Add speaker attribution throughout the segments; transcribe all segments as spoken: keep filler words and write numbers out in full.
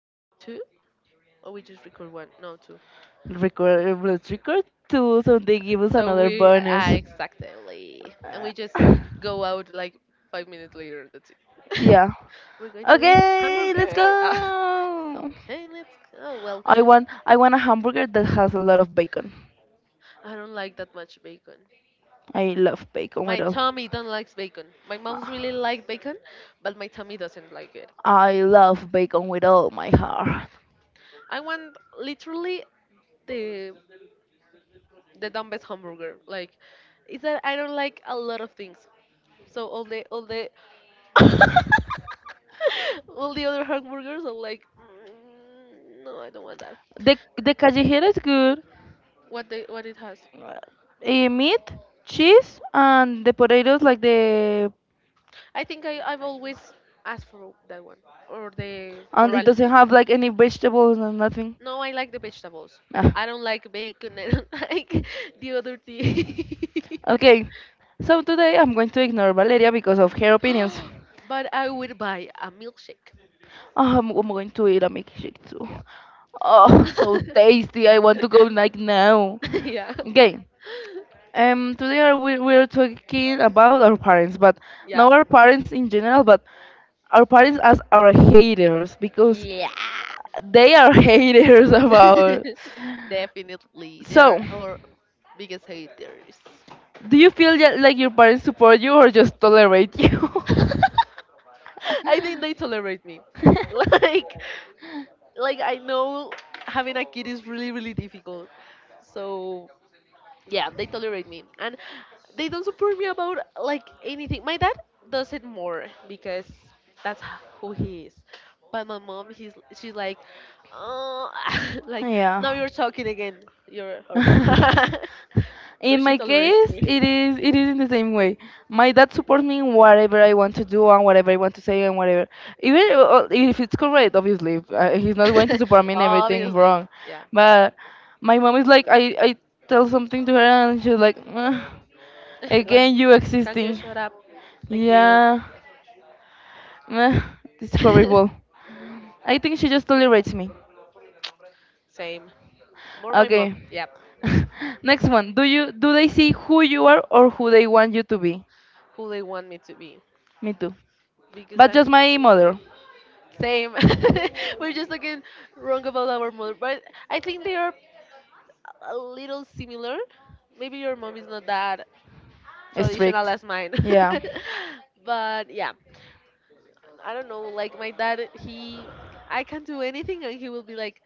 Speaker 1: record two or we just record one. No, two.
Speaker 2: Record, let's record two, so they give us
Speaker 1: So
Speaker 2: another
Speaker 1: we
Speaker 2: bonus.
Speaker 1: ah, exactly. And we just go out like five minutes later. That's it.
Speaker 2: Yeah.
Speaker 1: We're going to eat
Speaker 2: Okay, let's
Speaker 1: hamburger. Ah,
Speaker 2: go.
Speaker 1: okay, let's go. Well,
Speaker 2: I want, I want a hamburger that has a lot of bacon.
Speaker 1: I don't like that much bacon.
Speaker 2: I love bacon
Speaker 1: My
Speaker 2: with all.
Speaker 1: tummy don't likes bacon. My mouth really like bacon, but my tummy doesn't like it.
Speaker 2: I love bacon with all my heart.
Speaker 1: I want literally the the dumbest hamburger. Like, is that I don't like a lot of things. So all the all the all the other hamburgers are like, "Mm, no, I don't want that.
Speaker 2: The the callejera is good.
Speaker 1: What they what it has?
Speaker 2: Eh, meat, cheese, and the potatoes like the,
Speaker 1: I think I I've always asked for that one or the
Speaker 2: and it
Speaker 1: coral.
Speaker 2: doesn't have like any vegetables and nothing.
Speaker 1: No, I like the vegetables.
Speaker 2: Ah.
Speaker 1: I don't like bacon. I don't like the other thing.
Speaker 2: Okay, so today I'm going to ignore Valeria because of her opinions.
Speaker 1: But I would buy a milkshake.
Speaker 2: Ah, I'm, I'm going to eat a milkshake too.
Speaker 1: Yeah.
Speaker 2: Oh, so tasty! I want to go like now.
Speaker 1: Yeah.
Speaker 2: Okay, um, today are we we're talking about our parents, but
Speaker 1: Yeah.
Speaker 2: not our parents in general, but our parents as our haters because
Speaker 1: Yeah.
Speaker 2: they are haters about.
Speaker 1: Definitely. They
Speaker 2: So,
Speaker 1: are our biggest haters.
Speaker 2: do you feel that, like, your parents support you or just tolerate you?
Speaker 1: I think they tolerate me. Like like I know having a kid is really really difficult. So yeah, they tolerate me and they don't support me about like anything. My dad does it more because that's h- who he is. But my mom, he's she's like, oh, like
Speaker 2: Yeah.
Speaker 1: now you're talking again. You're horrible. So
Speaker 2: In
Speaker 1: she
Speaker 2: my
Speaker 1: tolerates
Speaker 2: case,
Speaker 1: me.
Speaker 2: it is it is in the same way. My dad supports me in whatever I want to do and whatever I want to say and whatever. Even i- uh, if it's correct. Obviously, if, uh, he's not going to support me in everything
Speaker 1: Obviously,
Speaker 2: wrong.
Speaker 1: yeah.
Speaker 2: But my mom is like, I I tell something to her and she's like, "Ugh,
Speaker 1: Like,
Speaker 2: again you
Speaker 1: can you
Speaker 2: existing."
Speaker 1: shut up? Thank you.
Speaker 2: Yeah. Ugh, it's horrible. I think she just tolerates me.
Speaker 1: Same. More my mom.
Speaker 2: Okay.
Speaker 1: Yep.
Speaker 2: Next one. Do you do they see who you are or who they want you to be?
Speaker 1: Who they want me to be.
Speaker 2: Me too.
Speaker 1: Because
Speaker 2: But just
Speaker 1: I'm
Speaker 2: my mother.
Speaker 1: same. We're just talking wrong about our mother, but I think they are a little similar. Maybe your mom is not that traditional
Speaker 2: Strict.
Speaker 1: as mine.
Speaker 2: Yeah.
Speaker 1: But yeah, I don't know. Like my dad, he I can do anything, and he will be like,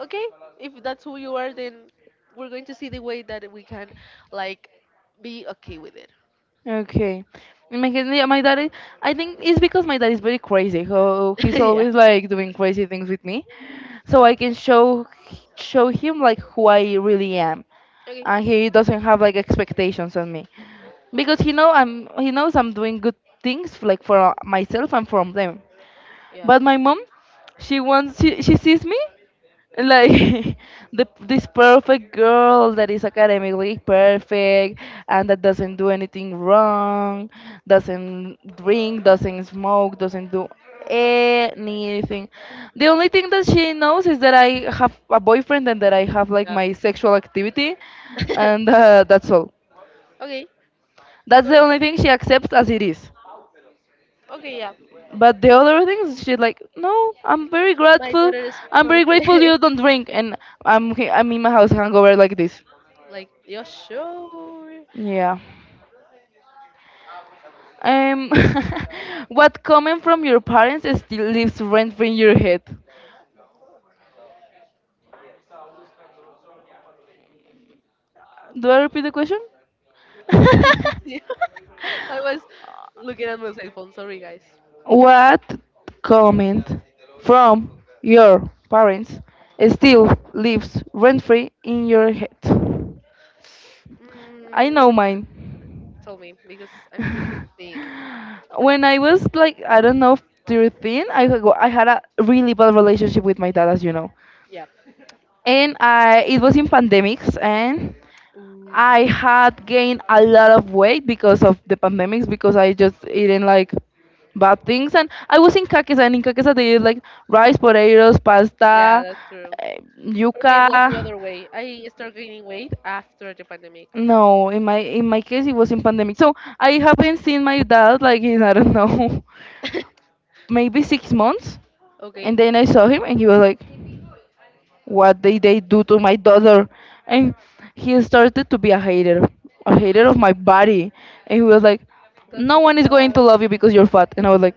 Speaker 1: okay, if that's who you are, then we're going to see the way that we can like be okay with it.
Speaker 2: Okay. In my case, yeah, my dad is, I think it's because my dad is very crazy. So he's
Speaker 1: Yeah.
Speaker 2: always like doing crazy things with me. So I can show show him like who I really am.
Speaker 1: Okay.
Speaker 2: And he doesn't have like expectations on me. Because he know I'm he knows I'm doing good things like for myself and from them.
Speaker 1: Yeah.
Speaker 2: But my mom, she wants she, she sees me like the this perfect girl that is academically perfect and that doesn't do anything wrong, doesn't drink, doesn't smoke, doesn't do anything. The only thing that she knows is that I have a boyfriend and that I have like
Speaker 1: Yeah.
Speaker 2: my sexual activity, and uh, that's all.
Speaker 1: Okay,
Speaker 2: That's the
Speaker 1: no,
Speaker 2: only thing she accepts as it is.
Speaker 1: okay, yeah.
Speaker 2: But the other things, she like, no. I'm very
Speaker 1: My
Speaker 2: grateful.
Speaker 1: daughter is
Speaker 2: I'm very grateful
Speaker 1: perfect.
Speaker 2: you don't drink, and I'm he- I'm in my house hangover like this.
Speaker 1: Like, you're sure?
Speaker 2: Yeah. Um, what comment from your parents still lives rent free in your head? Do I repeat the question?
Speaker 1: I didn't see. I was looking at my cell phone. Sorry, guys.
Speaker 2: What comment from your parents still lives rent free in your head? I know
Speaker 1: Mm,
Speaker 2: mine.
Speaker 1: Tell me because I'm missing thing.
Speaker 2: When I was like, I don't know, thirteen, I had go- I had a really bad relationship with my dad, as you know.
Speaker 1: Yeah.
Speaker 2: And I, it was in pandemics, and
Speaker 1: Ooh.
Speaker 2: I had gained a lot of weight because of the pandemics, because I just eating like bad things. And I was in Kakis, and in Kakis they eat like rice, potatoes,
Speaker 1: Yeah,
Speaker 2: pasta,
Speaker 1: that's true.
Speaker 2: eh,
Speaker 1: For me, it was the
Speaker 2: yuca.
Speaker 1: other way. I started gaining weight after the pandemic.
Speaker 2: No, in my in my case it was in pandemic. So I haven't seen my dad like in I don't know maybe six months, and
Speaker 1: Okay.
Speaker 2: then I saw him, and he was like, "What did they do to my daughter?" And he started to be a hater, a hater of my body, and he was like,
Speaker 1: That's
Speaker 2: "No
Speaker 1: so
Speaker 2: one is going to
Speaker 1: sad.
Speaker 2: love you because you're fat," and I was like.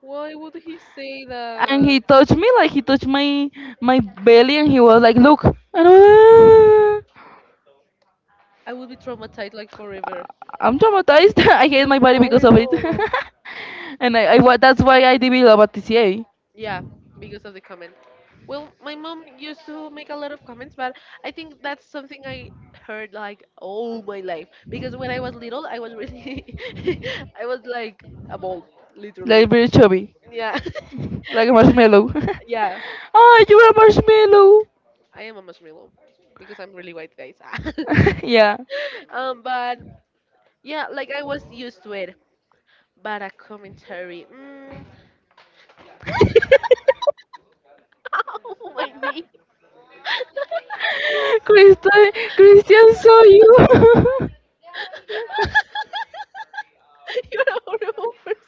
Speaker 1: Why would he say
Speaker 2: And he
Speaker 1: that?
Speaker 2: touched me like he touched my my belly, and he was like, "Look," and I- was,
Speaker 1: I would be traumatized like
Speaker 2: "Ah,
Speaker 1: forever.
Speaker 2: I'm traumatized." I hate
Speaker 1: That's
Speaker 2: my body because of it,
Speaker 1: horrible.
Speaker 2: and I, I wa- that's why I developed a T C A,
Speaker 1: Yeah, because of the comment. Well, my mom used to make a lot of comments, but I think that's something I heard like all my life. Because when I was little, I was really, I was like a ball,
Speaker 2: like
Speaker 1: literally.
Speaker 2: very chubby.
Speaker 1: Yeah,
Speaker 2: Like a marshmallow.
Speaker 1: yeah,
Speaker 2: Oh, you are a marshmallow.
Speaker 1: I am a marshmallow because I'm really white, guys.
Speaker 2: Yeah.
Speaker 1: Um, but yeah, like I was used to it. But a commentary, mm, oh my knee.
Speaker 2: Christian, Christian saw you.
Speaker 1: You're a horrible person.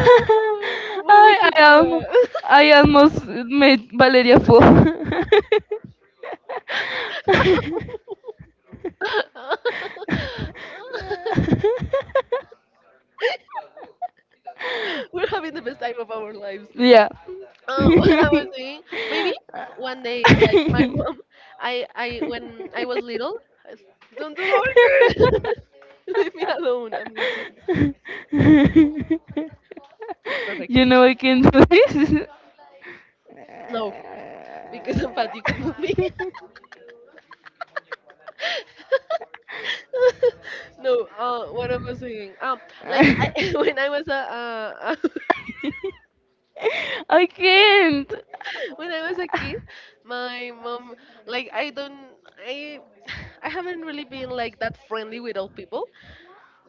Speaker 1: Oh, why would
Speaker 2: I,
Speaker 1: you
Speaker 2: I, almo-
Speaker 1: do
Speaker 2: I almost made Valeria fall.
Speaker 1: that? We're having the best time of our lives.
Speaker 2: Yeah.
Speaker 1: Uh, what I was
Speaker 2: You
Speaker 1: saying, maybe one day, like my mom, I, I when I was little, I s- don't do that Leave me alone. I'm going to. Perfect.
Speaker 2: know I can do this.
Speaker 1: No, because I'm fat, you can move me. No, uh, what I was saying, um, like I, when I was a, uh,
Speaker 2: I can't.
Speaker 1: when I was a kid, my mom, like I don't, I, I haven't really been like that friendly with all people.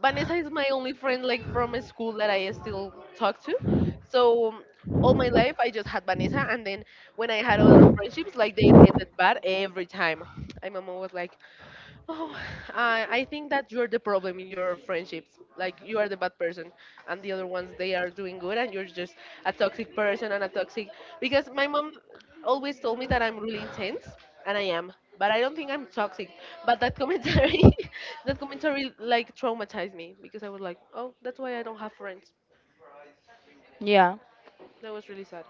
Speaker 1: Vanessa is my only friend like from school that I still talk to. So um, all my life I just had Vanessa, and then when I had other friendships, like they ended bad every time. And my mom was like, "Oh, I I think that you're the problem in your friendships. Like you are the bad person, and the other ones they are doing good, and you're just a toxic person and a toxic. Because my mom always told me that I'm really intense, and I am, but I don't think I'm toxic. But that commentary, that commentary like traumatized me because I was like, oh, that's why I don't have friends.
Speaker 2: Yeah.
Speaker 1: That was really sad.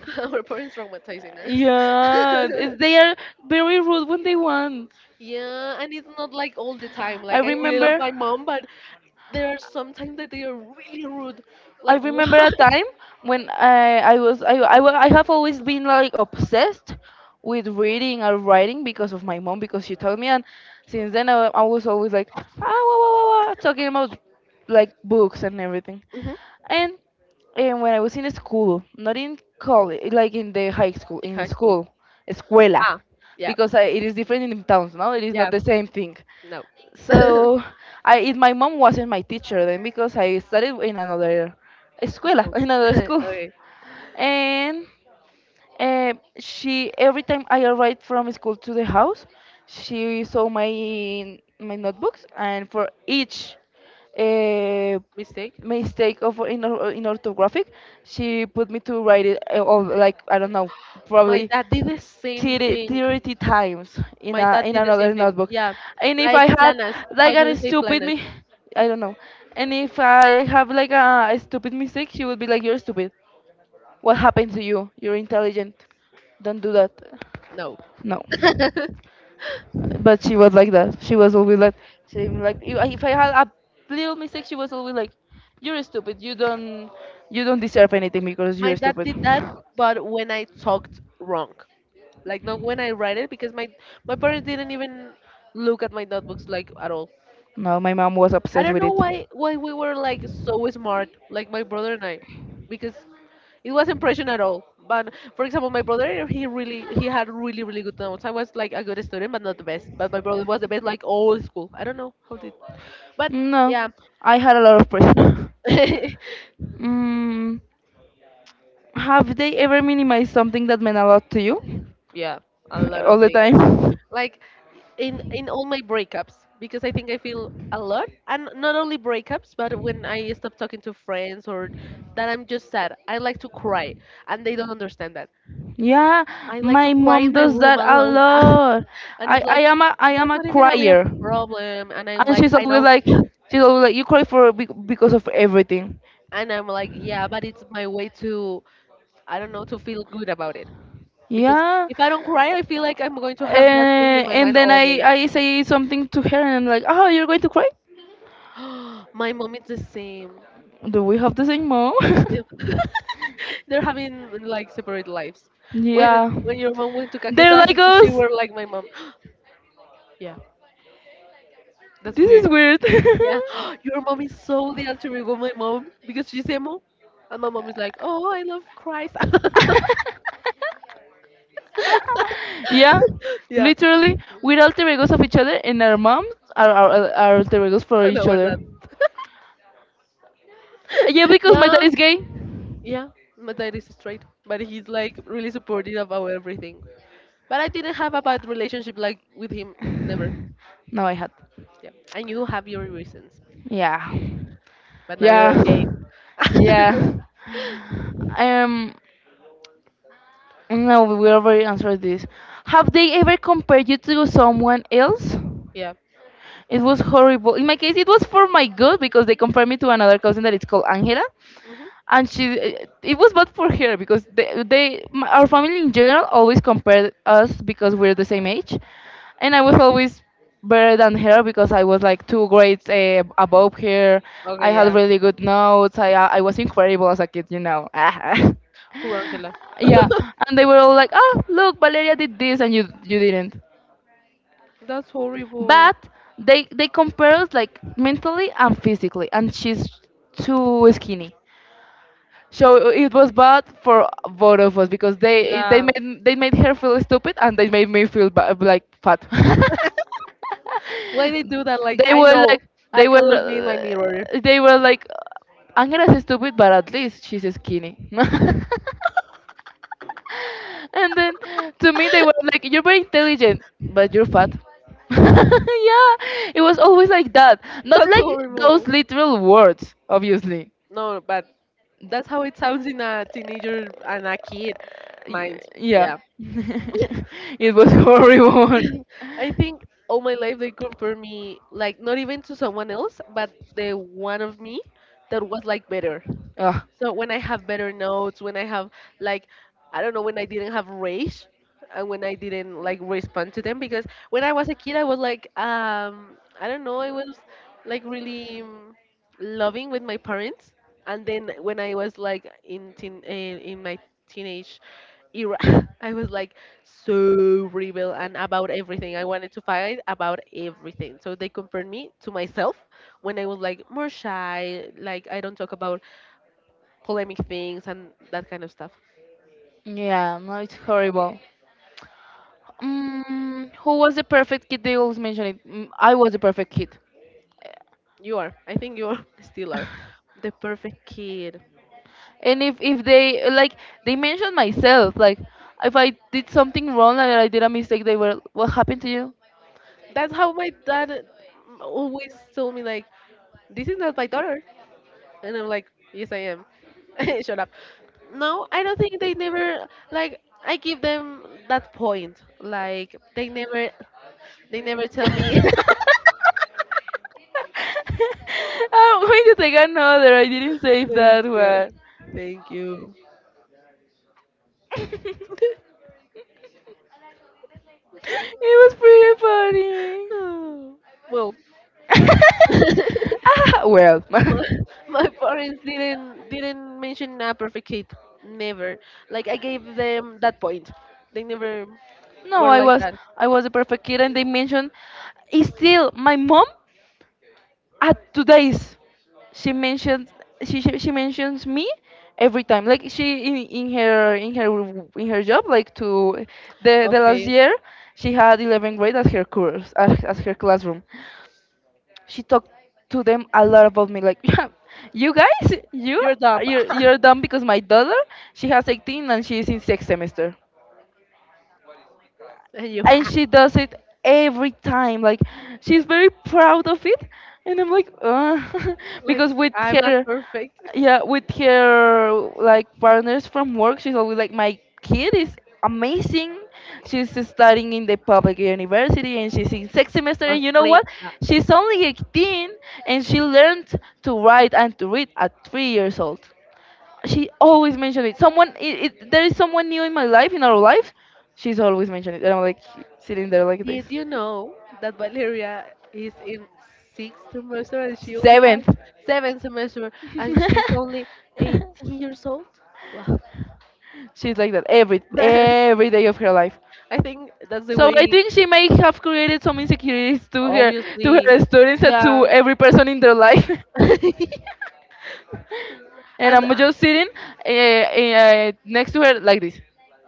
Speaker 1: Our parents traumatizing us.
Speaker 2: Yeah, it's, they are very rude when they want.
Speaker 1: Yeah, and it's not like all the time.
Speaker 2: I
Speaker 1: Like I really love
Speaker 2: remember
Speaker 1: my mom, but there are sometimes that they are really rude.
Speaker 2: I
Speaker 1: Like
Speaker 2: remember a
Speaker 1: why?
Speaker 2: time when I, I was I, I, wa- I have always been like obsessed with reading and writing because of my mom because she told me, and since then I, I was always like "Ah wah, wah, wah, wah," talking about like books and everything.
Speaker 1: Hmm.
Speaker 2: And and when I was in school, not in college, like in the high school,
Speaker 1: In
Speaker 2: in the
Speaker 1: high school.
Speaker 2: school, escuela,
Speaker 1: Ah, yeah,
Speaker 2: because I, it is different in towns. No, it is not
Speaker 1: yeah.
Speaker 2: the same thing.
Speaker 1: No,
Speaker 2: So I, if my mom wasn't my teacher then, because I studied in another
Speaker 1: it's
Speaker 2: escuela,
Speaker 1: cool.
Speaker 2: in another
Speaker 1: Okay,
Speaker 2: school. And uh, she, every time I arrived from school to the house, she saw my my notebooks, and for each uh,
Speaker 1: mistake.
Speaker 2: mistake of in, or- in orthographic, she put me to write it uh, all like, I don't know,
Speaker 1: My
Speaker 2: probably
Speaker 1: dad did the same
Speaker 2: thirty
Speaker 1: thing.
Speaker 2: thirty times in
Speaker 1: My
Speaker 2: a
Speaker 1: dad
Speaker 2: in
Speaker 1: did the same
Speaker 2: another
Speaker 1: thing.
Speaker 2: notebook.
Speaker 1: Yeah,
Speaker 2: And if
Speaker 1: like
Speaker 2: I had
Speaker 1: planas.
Speaker 2: like
Speaker 1: How do you
Speaker 2: a
Speaker 1: say
Speaker 2: stupid
Speaker 1: planas?
Speaker 2: me, I don't know. And if I have like a, a stupid mistake, she would be like, "You're stupid. What happened to you? You're intelligent. Don't do that."
Speaker 1: No.
Speaker 2: No, but she was like that. She was always like, she like if I if I had a little mistake, she was always like, "You're stupid. You don't you don't deserve anything because
Speaker 1: My
Speaker 2: you're
Speaker 1: dad
Speaker 2: stupid."
Speaker 1: did that, but when I talked wrong, like not when I write it, because my my parents didn't even look at my notebooks like at all.
Speaker 2: No, my mom was
Speaker 1: I
Speaker 2: obsessed
Speaker 1: don't
Speaker 2: with
Speaker 1: know
Speaker 2: it.
Speaker 1: why why we were like so smart, like my brother and I, because it wasn't pressure at all. But for example, my brother he really he had really really good notes. I was like a good student, but not the best. But my brother was the best, like all school. I don't know how did, but
Speaker 2: No,
Speaker 1: yeah,
Speaker 2: I had a lot of pressure. Mm, have they ever minimized something that meant a lot to you?
Speaker 1: yeah, a lot of
Speaker 2: All the
Speaker 1: things.
Speaker 2: time.
Speaker 1: Like in in all my breakups, because I think I feel a lot, and not only breakups, but when I stop talking to friends or that I'm just sad, I like to cry, and they don't understand that.
Speaker 2: Yeah,
Speaker 1: I like to
Speaker 2: my
Speaker 1: cry in
Speaker 2: mom
Speaker 1: my
Speaker 2: does
Speaker 1: room
Speaker 2: that a
Speaker 1: alone.
Speaker 2: lot.
Speaker 1: And
Speaker 2: I,
Speaker 1: it's
Speaker 2: I
Speaker 1: like,
Speaker 2: am a I am
Speaker 1: that's
Speaker 2: a
Speaker 1: not even a real
Speaker 2: crier,
Speaker 1: problem. And I'm
Speaker 2: and
Speaker 1: like,
Speaker 2: she's
Speaker 1: I
Speaker 2: always
Speaker 1: know.
Speaker 2: like she's always like, you cry for bec- because of everything.
Speaker 1: And I'm like, yeah, but it's my way to, I don't know, to feel good about it. Because
Speaker 2: Yeah,
Speaker 1: if I don't cry, I feel like I'm going to have that thing in
Speaker 2: and,
Speaker 1: my
Speaker 2: and
Speaker 1: mind
Speaker 2: then
Speaker 1: all
Speaker 2: I,
Speaker 1: day.
Speaker 2: I say something to her and I'm like, oh, you're going to cry?
Speaker 1: My mom is the same.
Speaker 2: Do we have the same mom?
Speaker 1: If- They're having like separate lives. When
Speaker 2: Yeah.
Speaker 1: when your mom went to
Speaker 2: They're like
Speaker 1: Kakesaki, she
Speaker 2: us.
Speaker 1: were like my mom. Yeah, that's
Speaker 2: This
Speaker 1: weird.
Speaker 2: is weird.
Speaker 1: Yeah, your mom is so the alter ego of my mom because she's emo, and my mom is like, "Oh, I love Christ."
Speaker 2: Yeah.
Speaker 1: Yeah,
Speaker 2: Literally, we're alter egos of each other and our moms are, are, are alter egos for
Speaker 1: I know
Speaker 2: each
Speaker 1: where
Speaker 2: other.
Speaker 1: that.
Speaker 2: Yeah, because my dad
Speaker 1: Yeah,
Speaker 2: is gay.
Speaker 1: yeah, my dad is straight, but he's like really supportive about everything. But I didn't have a bad relationship like with him, never.
Speaker 2: No, I had.
Speaker 1: Yeah, and you have your reasons,
Speaker 2: Yeah.
Speaker 1: but now you're
Speaker 2: Yeah.
Speaker 1: okay.
Speaker 2: Yeah. Um, no, we already answered this. Have they ever compared you to someone else?
Speaker 1: Yeah.
Speaker 2: It was horrible. In my case, it was for my good because they compared me to another cousin that is called Angela,
Speaker 1: Hmm.
Speaker 2: and she, uh, it was bad for her because they, they my- our family in general always compared us because we're the same age, and I was always better than her because I was like two grades uh, above her. I
Speaker 1: Okay.
Speaker 2: had
Speaker 1: Yeah.
Speaker 2: really good notes. i uh, I was incredible as a kid, you know.
Speaker 1: Poor Angela.
Speaker 2: Yeah. And they were all like, oh, look, Valeria did this and you you didn't.
Speaker 1: That's horrible.
Speaker 2: But they they compare us like mentally and physically, and she's too skinny, so it was bad for both of us because they they
Speaker 1: Yeah.
Speaker 2: made they made her feel stupid and they made me feel ba- like fat.
Speaker 1: Why they do that? Like
Speaker 2: They
Speaker 1: I
Speaker 2: were
Speaker 1: know
Speaker 2: like,
Speaker 1: I
Speaker 2: they
Speaker 1: can
Speaker 2: were
Speaker 1: look me in my mirror.
Speaker 2: uh, they were like, "Angela's is stupid, but at least she's skinny." And then to me they were like, "You're very intelligent, but you're fat." Yeah, it was always like that. Not
Speaker 1: That's
Speaker 2: like those
Speaker 1: horrible.
Speaker 2: literal words, obviously.
Speaker 1: No, but that's how it sounds in a teenager and a kid
Speaker 2: Y-
Speaker 1: mind.
Speaker 2: yeah.
Speaker 1: Yeah.
Speaker 2: It was horrible.
Speaker 1: I think all my life they compare me like not even to someone else, but the one of me that was like better.
Speaker 2: Ah.
Speaker 1: So when I have better notes, when I have like I don't know when I didn't have rage and when I didn't like respond to them because when I was a kid I was like um I don't know I was like really um, loving with my parents and then when I was like in teen, eh, in my teenage era I was like so rebel and about everything. I wanted to fight about everything. So they compared me to myself when I was like more shy, like I don't talk about polemic things and that kind of stuff.
Speaker 2: Yeah, no, it's horrible. Mm, who was the perfect kid? They always mention it. Mm, I was the perfect kid.
Speaker 1: You are. I think you are still are the perfect kid.
Speaker 2: And if if they like they mentioned myself, like if I did something wrong and I did a mistake, they were, what happened to you?
Speaker 1: That's how my dad always told me like this is not my daughter and I'm like, Yes I am. Shut up.
Speaker 2: I'm
Speaker 1: No, I don't think they never like I give them that point. Like they never they never tell me
Speaker 2: going to take another. I didn't save
Speaker 1: Thank
Speaker 2: that
Speaker 1: you.
Speaker 2: one.
Speaker 1: Thank you.
Speaker 2: It was pretty
Speaker 1: Oh, well,
Speaker 2: funny. Ah, well,
Speaker 1: my, my parents didn't didn't mention a perfect kid. Never. Like I gave them that point. They never
Speaker 2: no,
Speaker 1: were
Speaker 2: I
Speaker 1: like
Speaker 2: was
Speaker 1: that.
Speaker 2: I was a perfect kid, and they mentioned. Still, my mom at two days she mentions she, she she mentions me every time, like she in, in her in her w- in her job, like to the the last
Speaker 1: Okay,
Speaker 2: year she had eleventh grade as her course as, as her classroom. She talked to them a lot about me like, you guys, you
Speaker 1: you're dumb.
Speaker 2: you're, you're dumb, because my daughter, she has eighteen and she is in sixth semester.
Speaker 1: And you
Speaker 2: And she does it every time, like she's very proud of it, and I'm like uh,
Speaker 1: like
Speaker 2: because with
Speaker 1: I'm not
Speaker 2: her,
Speaker 1: perfect.
Speaker 2: yeah, with her like partners from work, she's always like, my kid is amazing, she's studying in the public university and she's in sixth semester, and you know
Speaker 1: Perfect.
Speaker 2: what, she's only eighteen, and she learned to write and to read at three years old. She always mentioned it. Someone, it, it, there is someone new in my life, in our life. She's always mentioned it, and I'm like sitting there like this.
Speaker 1: Did you know that Valeria is in sixth semester and she only has
Speaker 2: Seventh.
Speaker 1: seventh semester and she's only eighteen years old? Wow.
Speaker 2: She's like that every every day of her life.
Speaker 1: I think that's the
Speaker 2: So I
Speaker 1: way,
Speaker 2: think she may have created some insecurities to her, to
Speaker 1: obviously,
Speaker 2: her students and to
Speaker 1: yeah.
Speaker 2: every person in their life.
Speaker 1: And uh,
Speaker 2: And I'm just sitting uh, uh, next to her like this.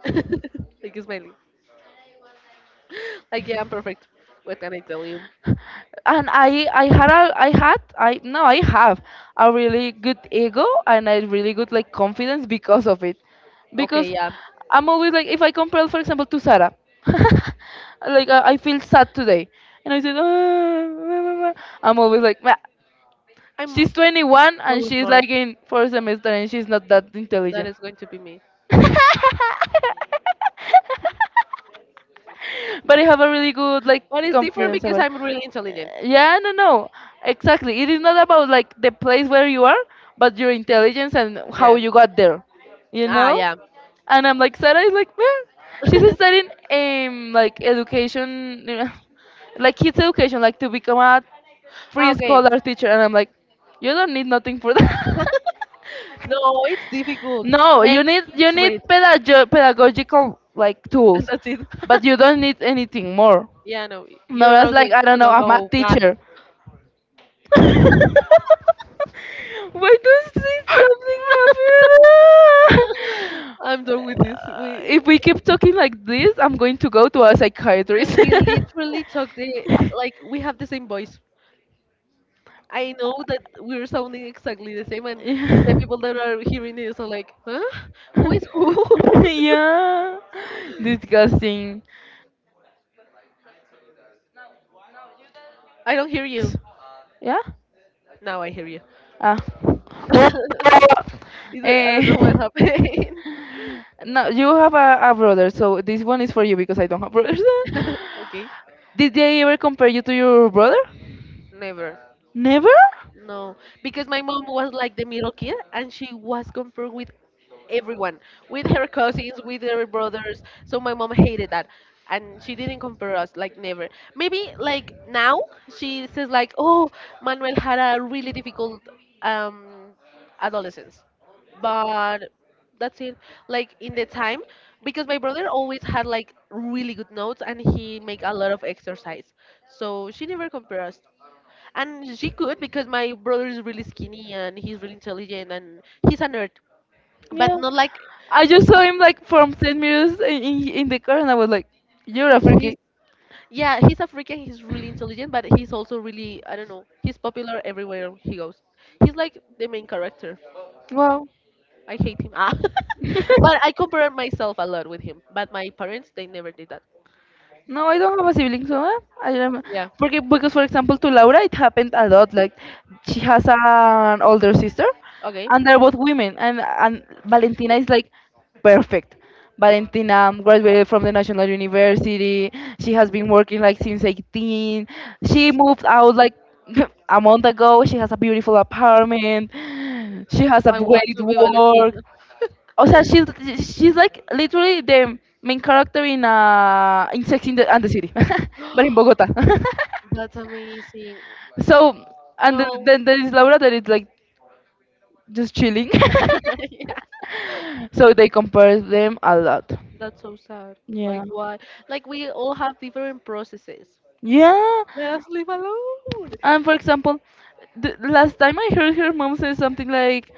Speaker 1: like smiling, like yeah, I'm perfect. What can I tell you?
Speaker 2: And I I had a I had I no I have a really good ego and a really good like confidence because of it,
Speaker 1: Okay,
Speaker 2: because
Speaker 1: yeah,
Speaker 2: I'm always like if I compare for example to Sarah, like I I feel sad today, and I said "Ah," I'm always like "Meh."
Speaker 1: I'm
Speaker 2: She's twenty-one and
Speaker 1: so
Speaker 2: she's
Speaker 1: smart.
Speaker 2: like in fourth semester and she's not that
Speaker 1: That
Speaker 2: intelligent.
Speaker 1: is going to be me.
Speaker 2: But I have a really good like
Speaker 1: But it's different
Speaker 2: confidence
Speaker 1: because
Speaker 2: about. Uh,
Speaker 1: I'm really intelligent.
Speaker 2: yeah, no, no, exactly. It is not about like the place where you are, but your intelligence and how
Speaker 1: Yeah.
Speaker 2: you got there. You
Speaker 1: Ah,
Speaker 2: know.
Speaker 1: yeah.
Speaker 2: And I'm like, Sarah is like, well, she's studying um like education, you know, like kids education, like to become a
Speaker 1: Okay.
Speaker 2: pre-scholar teacher. And I'm like, you don't need nothing for that.
Speaker 1: No, it's difficult.
Speaker 2: No, you
Speaker 1: Make
Speaker 2: need you
Speaker 1: kids
Speaker 2: need
Speaker 1: read,
Speaker 2: pedago- pedagogical like
Speaker 1: and
Speaker 2: tools,
Speaker 1: that's it.
Speaker 2: but you don't need anything more.
Speaker 1: Yeah, no, you
Speaker 2: No,
Speaker 1: don't
Speaker 2: that's
Speaker 1: know
Speaker 2: like
Speaker 1: need
Speaker 2: I don't
Speaker 1: to
Speaker 2: know,
Speaker 1: know
Speaker 2: a math
Speaker 1: no math.
Speaker 2: teacher. Why does it something happen?
Speaker 1: I'm done with this.
Speaker 2: Uh,
Speaker 1: We
Speaker 2: if we keep talking like this, I'm going to go to a
Speaker 1: and
Speaker 2: psychiatrist.
Speaker 1: we literally talk the like we have the same voice. I know that we're sounding exactly the same, and the
Speaker 2: Yeah.
Speaker 1: people that are hearing this are like, "Huh? Who is who?"
Speaker 2: Yeah. Disgusting. Well, that now, now you that you have
Speaker 1: I don't hear you.
Speaker 2: siblings. Yeah?
Speaker 1: Now I hear you.
Speaker 2: Ah, well,
Speaker 1: It's like, I don't
Speaker 2: eh,
Speaker 1: know what happened.
Speaker 2: no, you have a, a brother, so this one is for you because I don't have brothers.
Speaker 1: Okay,
Speaker 2: Did they ever compare you to your brother?
Speaker 1: never.
Speaker 2: Never?
Speaker 1: No, because my mom was like the middle kid and she was confirmed with everyone, with her cousins, with her brothers. So my mom hated that. And she didn't compare us, like never. Maybe like now she says like, oh, Manuel had a really difficult um, adolescence. But that's it. Like in the time, because my brother always had like really good notes and he make a lot of exercise. So she never compared us and she could because my brother is really skinny and he's really intelligent and he's a nerd but
Speaker 2: Yeah.
Speaker 1: not like
Speaker 2: I just saw him like from ten meters in, in in the car and I was like, you're a
Speaker 1: he's
Speaker 2: freaky.
Speaker 1: yeah he's a freak and he's really intelligent but he's also really I don't know he's popular everywhere he goes. He's like the main character.
Speaker 2: Wow.
Speaker 1: I hate him, ah. But I compare myself a lot with him, but my parents they never did that.
Speaker 2: No, I don't have a sibling, so eh, I don't.
Speaker 1: Yeah,
Speaker 2: Because, because for example, to Laura, it happened a lot. Like she has an older sister,
Speaker 1: okay,
Speaker 2: and they're both women, and and Valentina is like perfect. Valentina um, graduated from the National University. She has been working like since eighteen. She moved out like a month ago. She has a beautiful apartment. She has a
Speaker 1: I want
Speaker 2: great
Speaker 1: to be
Speaker 2: work.
Speaker 1: Valentina.
Speaker 2: Oh, so she's she's like literally the main character in uh in Sex in the, and the City, but in Bogota.
Speaker 1: That's amazing.
Speaker 2: So and then,
Speaker 1: No.
Speaker 2: then there is Laura that is like just chilling.
Speaker 1: Yeah.
Speaker 2: So they compare them a lot.
Speaker 1: That's so sad.
Speaker 2: Yeah.
Speaker 1: Like why? Like we all have different processes.
Speaker 2: Yeah.
Speaker 1: Let us live alone.
Speaker 2: And for example, the last time I heard her mom say something like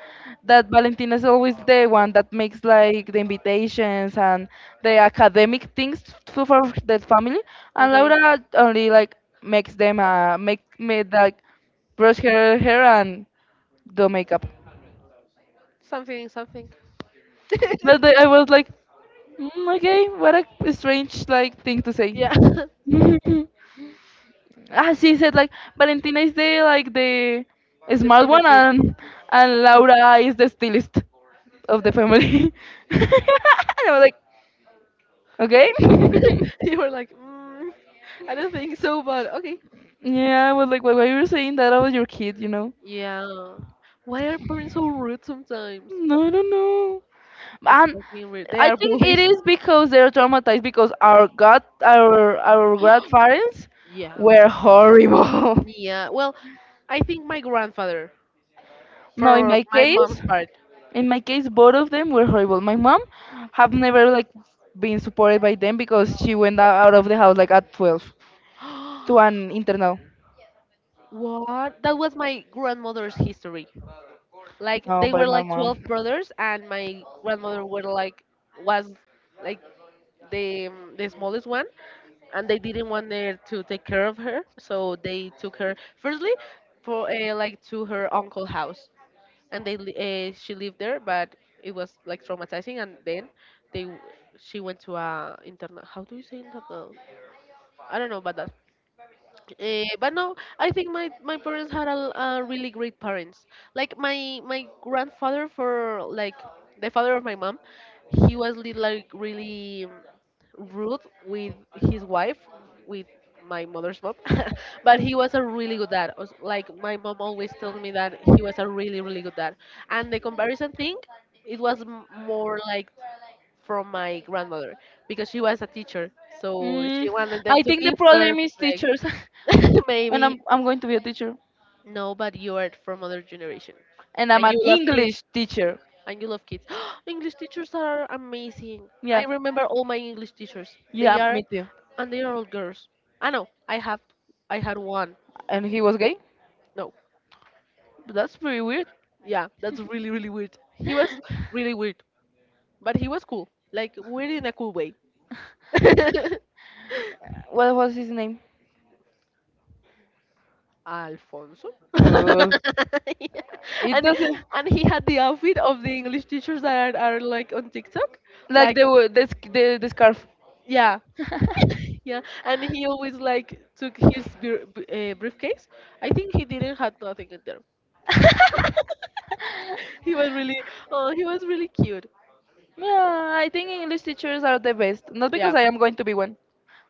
Speaker 2: that Valentina is always the one that makes like the invitations and the academic things to, for the family, and
Speaker 1: Okay.
Speaker 2: Laura only like makes them uh, make made like brush her hair and do makeup.
Speaker 1: Something, something.
Speaker 2: But the, I was like, mm, okay, what a strange like thing to say.
Speaker 1: Yeah.
Speaker 2: Ah, she said like Valentina is the like the
Speaker 1: The
Speaker 2: smart
Speaker 1: perfect
Speaker 2: one
Speaker 1: kid.
Speaker 2: and and Laura is the stylist of the family. And I was like, okay.
Speaker 1: You were like, mm, I don't think so, but okay.
Speaker 2: Yeah, I was like, why why you were saying that about your kid, you know?
Speaker 1: Yeah. Why are parents so rude sometimes?
Speaker 2: No, I don't know.
Speaker 1: It's
Speaker 2: And
Speaker 1: not being rude. They
Speaker 2: I
Speaker 1: are
Speaker 2: think it
Speaker 1: bullies.
Speaker 2: is because they're traumatized because our god our our grandparents
Speaker 1: Yeah.
Speaker 2: were horrible.
Speaker 1: Yeah. Well, I think my grandfather
Speaker 2: No, in
Speaker 1: for
Speaker 2: my
Speaker 1: my mom's
Speaker 2: case,
Speaker 1: part.
Speaker 2: in my case, both of them were horrible. My mom have never like been supported by them because she went o- out of the house like at twelve to an internal.
Speaker 1: What? That was my grandmother's history. Like
Speaker 2: No,
Speaker 1: they
Speaker 2: by
Speaker 1: were
Speaker 2: my
Speaker 1: like
Speaker 2: mom.
Speaker 1: twelve brothers and my grandmother were like was like the um, the smallest one, and they didn't want her to take care of her, so they took her firstly for uh, like to her uncle house, and they li- uh, she lived there, but it was like traumatizing. And then they w- she went to a internal. How do you say internal? I don't know about that. Uh, but no, I think my, my parents had a, uh really great parents. Like my my grandfather for like the father of my mom, he was li- like really um, rude with his wife, with my mother's mom. But he was a really good dad. Os- Like my mom always told me that he was a really really good dad. And the comparison thing, it was m- more like from my grandmother because she was a teacher, so she
Speaker 2: Mm,
Speaker 1: wanted them
Speaker 2: I
Speaker 1: to
Speaker 2: think the
Speaker 1: be
Speaker 2: problem is
Speaker 1: perfect.
Speaker 2: teachers, and
Speaker 1: Maybe.
Speaker 2: I'm I'm going to be a teacher,
Speaker 1: No, but you are from other generation.
Speaker 2: and I'm
Speaker 1: And
Speaker 2: an
Speaker 1: you love kids.
Speaker 2: English teacher.
Speaker 1: And you love kids. English teachers are amazing.
Speaker 2: Yeah,
Speaker 1: I remember all my English teachers. They
Speaker 2: yeah,
Speaker 1: are
Speaker 2: me too.
Speaker 1: and they are all girls. I know. I have I had one.
Speaker 2: And he was gay.
Speaker 1: No.
Speaker 2: That's pretty weird.
Speaker 1: Yeah, that's really really weird. He was really weird, but he was cool. Like weird in a cool way.
Speaker 2: What was his name?
Speaker 1: Alfonso.
Speaker 2: Uh,
Speaker 1: Yeah.
Speaker 2: it
Speaker 1: And
Speaker 2: doesn't
Speaker 1: and he had the outfit of the English teachers that are, are like on TikTok.
Speaker 2: like
Speaker 1: Like
Speaker 2: the wo- the sc- the, the scarf.
Speaker 1: yeah, yeah. And he always like took his bir- b- uh, briefcase. I think he didn't had nothing in there. He was really, oh, he was really cute.
Speaker 2: Yeah, I think English teachers are the best. Not because
Speaker 1: Yeah.
Speaker 2: I am going to be one,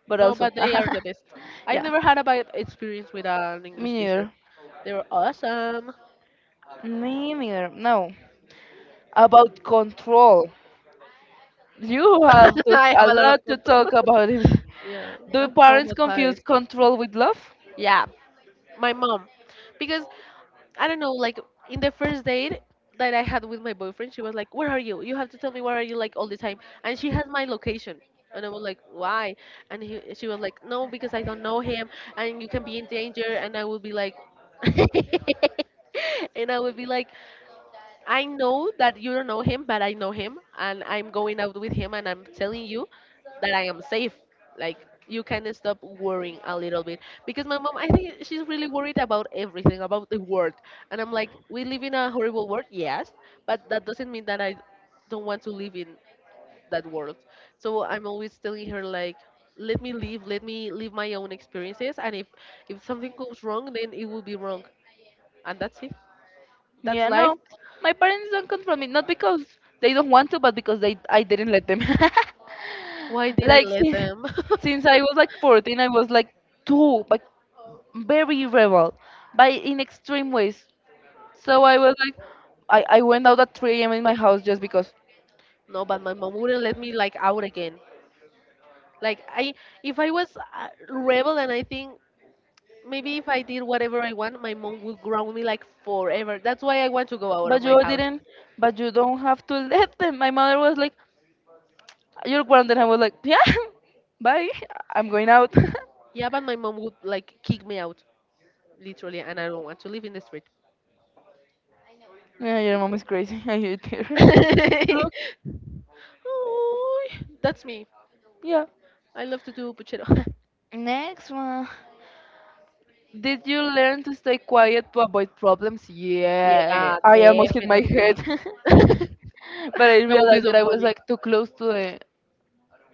Speaker 2: but
Speaker 1: No,
Speaker 2: also.
Speaker 1: but they are the best. I've
Speaker 2: Yeah,
Speaker 1: never had a bad experience with an
Speaker 2: me
Speaker 1: English teacher.
Speaker 2: neither.
Speaker 1: They were awesome.
Speaker 2: Me neither. No. About control. You have to,
Speaker 1: I have
Speaker 2: a
Speaker 1: a lot of
Speaker 2: lot to
Speaker 1: control.
Speaker 2: talk about it.
Speaker 1: Yeah,
Speaker 2: Do
Speaker 1: I'm
Speaker 2: parents confuse
Speaker 1: traumatized.
Speaker 2: control with love?
Speaker 1: Yeah, my mom. Because I don't know, like in the first date that I had with my boyfriend, she was like, "Where are you? You have to tell me where are you like all the time." And she has my location. And I was like, "Why?" And he, she was like, "No, because I don't know him and you can be in danger." And I would be like and I would be like, I know that you don't know him, but I know him, and I'm going out with him, and I'm telling you that I am safe. Like you can stop worrying a little bit because my mom, I think she's really worried about everything, about the world, and I'm like, we live in a horrible world, yes, but that doesn't mean that I don't want to live in that world. So I'm always telling her like, let me live, let me live my own experiences, and if if something goes wrong, then it will be wrong, and that's it. That's
Speaker 2: Yeah,
Speaker 1: life.
Speaker 2: no. My parents don't control me, not because they don't want to, but because they I didn't let them.
Speaker 1: Why did I
Speaker 2: Like
Speaker 1: let
Speaker 2: since,
Speaker 1: them?
Speaker 2: since I was like fourteen, I was like too but very rebel, but in extreme ways. So I was like, I, I went out at three a m in my house just because.
Speaker 1: No, but my mom wouldn't let me like out again. Like I, if I was a rebel, and I think maybe if I did whatever I want, my mom would ground me like forever. That's why I want to go out
Speaker 2: But
Speaker 1: of my
Speaker 2: you
Speaker 1: house.
Speaker 2: didn't, but you don't have to let them. My mother was like, you're grounded. I was like, yeah, bye. I'm going out.
Speaker 1: Yeah, but my mom would like kick me out, literally, and I don't want to live in the street.
Speaker 2: Yeah, your mom is crazy. I hate her. Look,
Speaker 1: Ooh, that's me.
Speaker 2: yeah.
Speaker 1: I love to do puchero.
Speaker 2: Next one. Did you learn to stay quiet to avoid problems? Yeah,
Speaker 1: Yeah,
Speaker 2: I almost hit my
Speaker 1: definitely.
Speaker 2: head.
Speaker 1: That
Speaker 2: But I
Speaker 1: would be
Speaker 2: realized that
Speaker 1: so
Speaker 2: I was
Speaker 1: funny.
Speaker 2: like too close to the.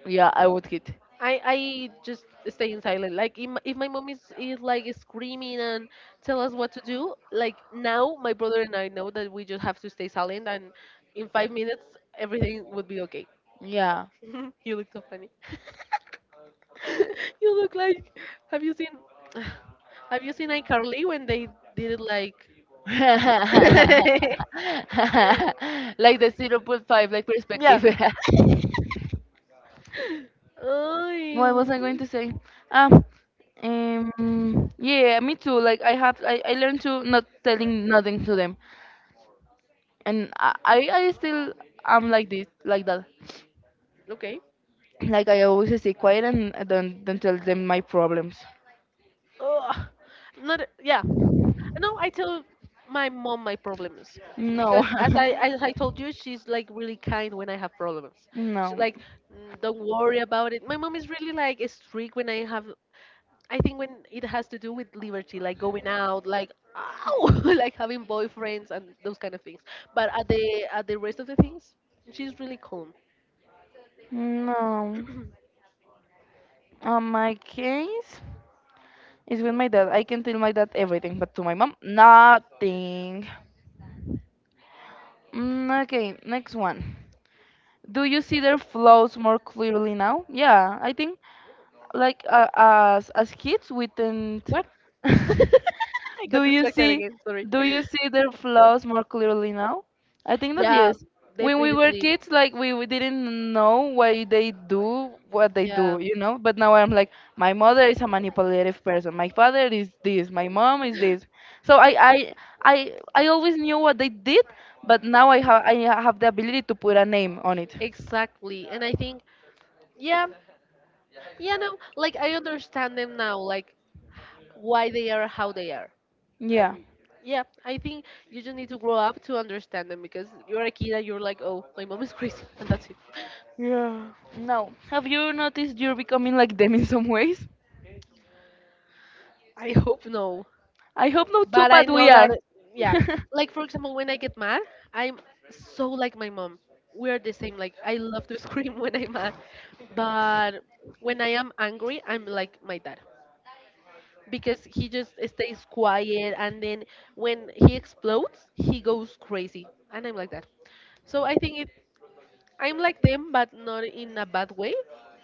Speaker 2: Yeah, I would hit.
Speaker 1: I I just stay in silent. Like if my, if my mom is is like screaming and tell us what to do, like now my brother and I know that we just have to stay silent, and in five minutes everything would be okay.
Speaker 2: Yeah.
Speaker 1: You look so funny. You look like, have you seen have you seen iCarly when they did it like
Speaker 2: Like the zero point 0.5, like Yeah.
Speaker 1: yeah.
Speaker 2: perspective.
Speaker 1: Ay,
Speaker 2: What was I going
Speaker 1: w-
Speaker 2: to say? Um, um, yeah, me too. Like I have, I, I learned to not telling nothing to them, and I, I I still am like this, like that.
Speaker 1: okay.
Speaker 2: Like I always stay quiet and I don't don't tell them my problems.
Speaker 1: Ugh. Not yeah. No, I tell my mom my problems
Speaker 2: No,
Speaker 1: because as I as I told you, she's like really kind when I have problems. She's
Speaker 2: no,
Speaker 1: like, "Mm, don't worry about it." My mom is really like strict when I have. I think when it has to do with liberty, like going out, like ow, like having boyfriends and those kind of things. But at the at the rest of the things, she's really calm.
Speaker 2: no. On my case, it's with my dad. I can tell my dad everything, but to my mom, nothing. Mm, okay, next one. Do you see their flaws more clearly now? Yeah, I think like uh, as as kids we didn't
Speaker 1: What? I
Speaker 2: do
Speaker 1: got
Speaker 2: you
Speaker 1: distracted
Speaker 2: see
Speaker 1: again. Sorry.
Speaker 2: do you see their flaws more clearly now. I think that
Speaker 1: Yeah,
Speaker 2: yes, when we were
Speaker 1: definitely.
Speaker 2: kids, like we, we didn't know why they do what they
Speaker 1: Yeah,
Speaker 2: do, you know but now I'm like my mother is a manipulative person, my father is this, my mom is this, so i i i, I always knew what they did, but now i have i have the ability to put a name on it.
Speaker 1: exactly. And I think yeah, yeah, no, like I understand them now, like why they are how they are.
Speaker 2: Yeah.
Speaker 1: And yeah, I think you just need to grow up to understand them because you're a kid and you're like, oh, my mom is crazy, and that's it.
Speaker 2: Yeah. No. Have you noticed you're becoming like them in some ways?
Speaker 1: I hope no.
Speaker 2: I hope not too,
Speaker 1: But I
Speaker 2: but we
Speaker 1: know that,
Speaker 2: are.
Speaker 1: yeah. Like, for example, when I get mad, I'm so like my mom. We're the same. Like, I love to scream when I'm mad. But when I am angry, I'm like my dad, because he just stays quiet and then when he explodes he goes crazy and I'm like that. So I think it I'm like them, but not in a bad way,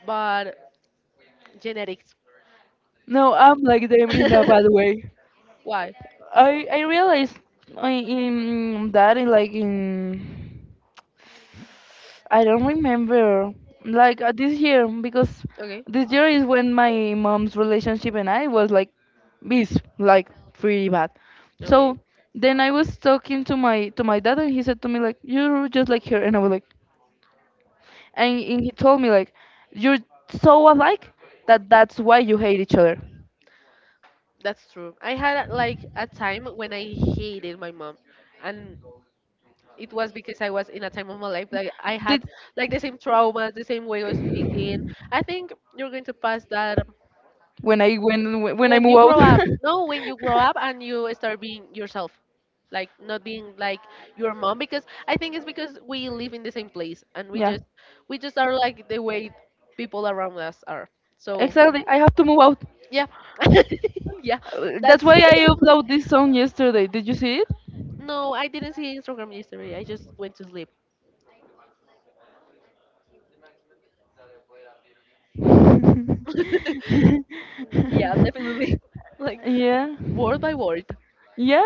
Speaker 1: but genetics.
Speaker 2: No, I'm like them in a bad way.
Speaker 1: Why?
Speaker 2: I I realized I, in that in like in I don't remember like uh, this year because
Speaker 1: Okay,
Speaker 2: this year is when my mom's relationship and I was like this like pretty bad.
Speaker 1: okay,
Speaker 2: So then I was talking to my to my dad and he said to me like you're just like her, and I was like, and, and he told me like you're so alike that that's why you hate each other.
Speaker 1: that's true. I had like a time when I hated my mom, and it was because I was in a time of my life that I had
Speaker 2: Did,
Speaker 1: like the same traumas, the same way of speaking. I think you're going to pass that
Speaker 2: when i when when i
Speaker 1: when
Speaker 2: move
Speaker 1: you
Speaker 2: out.
Speaker 1: grow up. No, when you grow up and you start being yourself, like not being like your mom, because I think it's because we live in the same place, and we
Speaker 2: Yeah,
Speaker 1: just we just are like the way people around us are. So
Speaker 2: exactly, I have to move out.
Speaker 1: yeah. Yeah,
Speaker 2: Uh, that's
Speaker 1: that's
Speaker 2: why I
Speaker 1: it.
Speaker 2: uploaded this song yesterday, did you see it?
Speaker 1: No, I didn't see Instagram yesterday, I just went to sleep. Yeah, definitely. Like
Speaker 2: Yeah,
Speaker 1: word by word.
Speaker 2: yeah,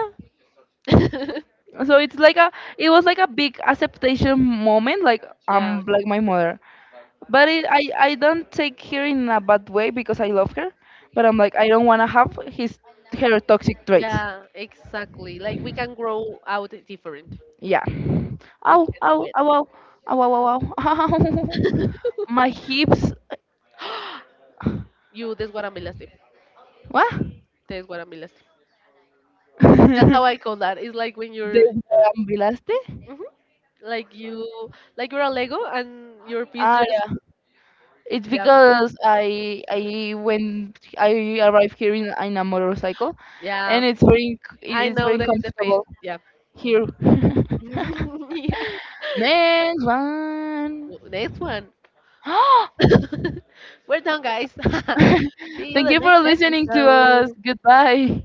Speaker 2: so it's like a it was like a big acceptation moment, like
Speaker 1: Yeah.
Speaker 2: I'm like my mother, but it, I I don't take her in a bad way because I love her, but I'm like I don't want to have his her toxic traits.
Speaker 1: Yeah, exactly, like we can grow out different,
Speaker 2: Yeah,
Speaker 1: we
Speaker 2: ow
Speaker 1: can
Speaker 2: ow
Speaker 1: do
Speaker 2: ow ow ow ow ow, ow. Ow. My hips.
Speaker 1: you desguaramilaste.
Speaker 2: What?
Speaker 1: Te desguaramilaste. That's how I call that. It's like when you're
Speaker 2: Desmembelaste.
Speaker 1: mhm, like you, like you're a Lego and your piece
Speaker 2: Ah,
Speaker 1: just
Speaker 2: yeah. It's
Speaker 1: yeah,
Speaker 2: because I I went I arrived here in, in a motorcycle, and
Speaker 1: yeah.
Speaker 2: it's very inc- it
Speaker 1: I
Speaker 2: is very
Speaker 1: know the the pain.
Speaker 2: uncomfortable
Speaker 1: Yeah.
Speaker 2: here.
Speaker 1: Yeah.
Speaker 2: Next one.
Speaker 1: W- Next one. We're done, guys. See you
Speaker 2: Thank
Speaker 1: the
Speaker 2: you for
Speaker 1: next
Speaker 2: listening to us.
Speaker 1: episode.
Speaker 2: Goodbye.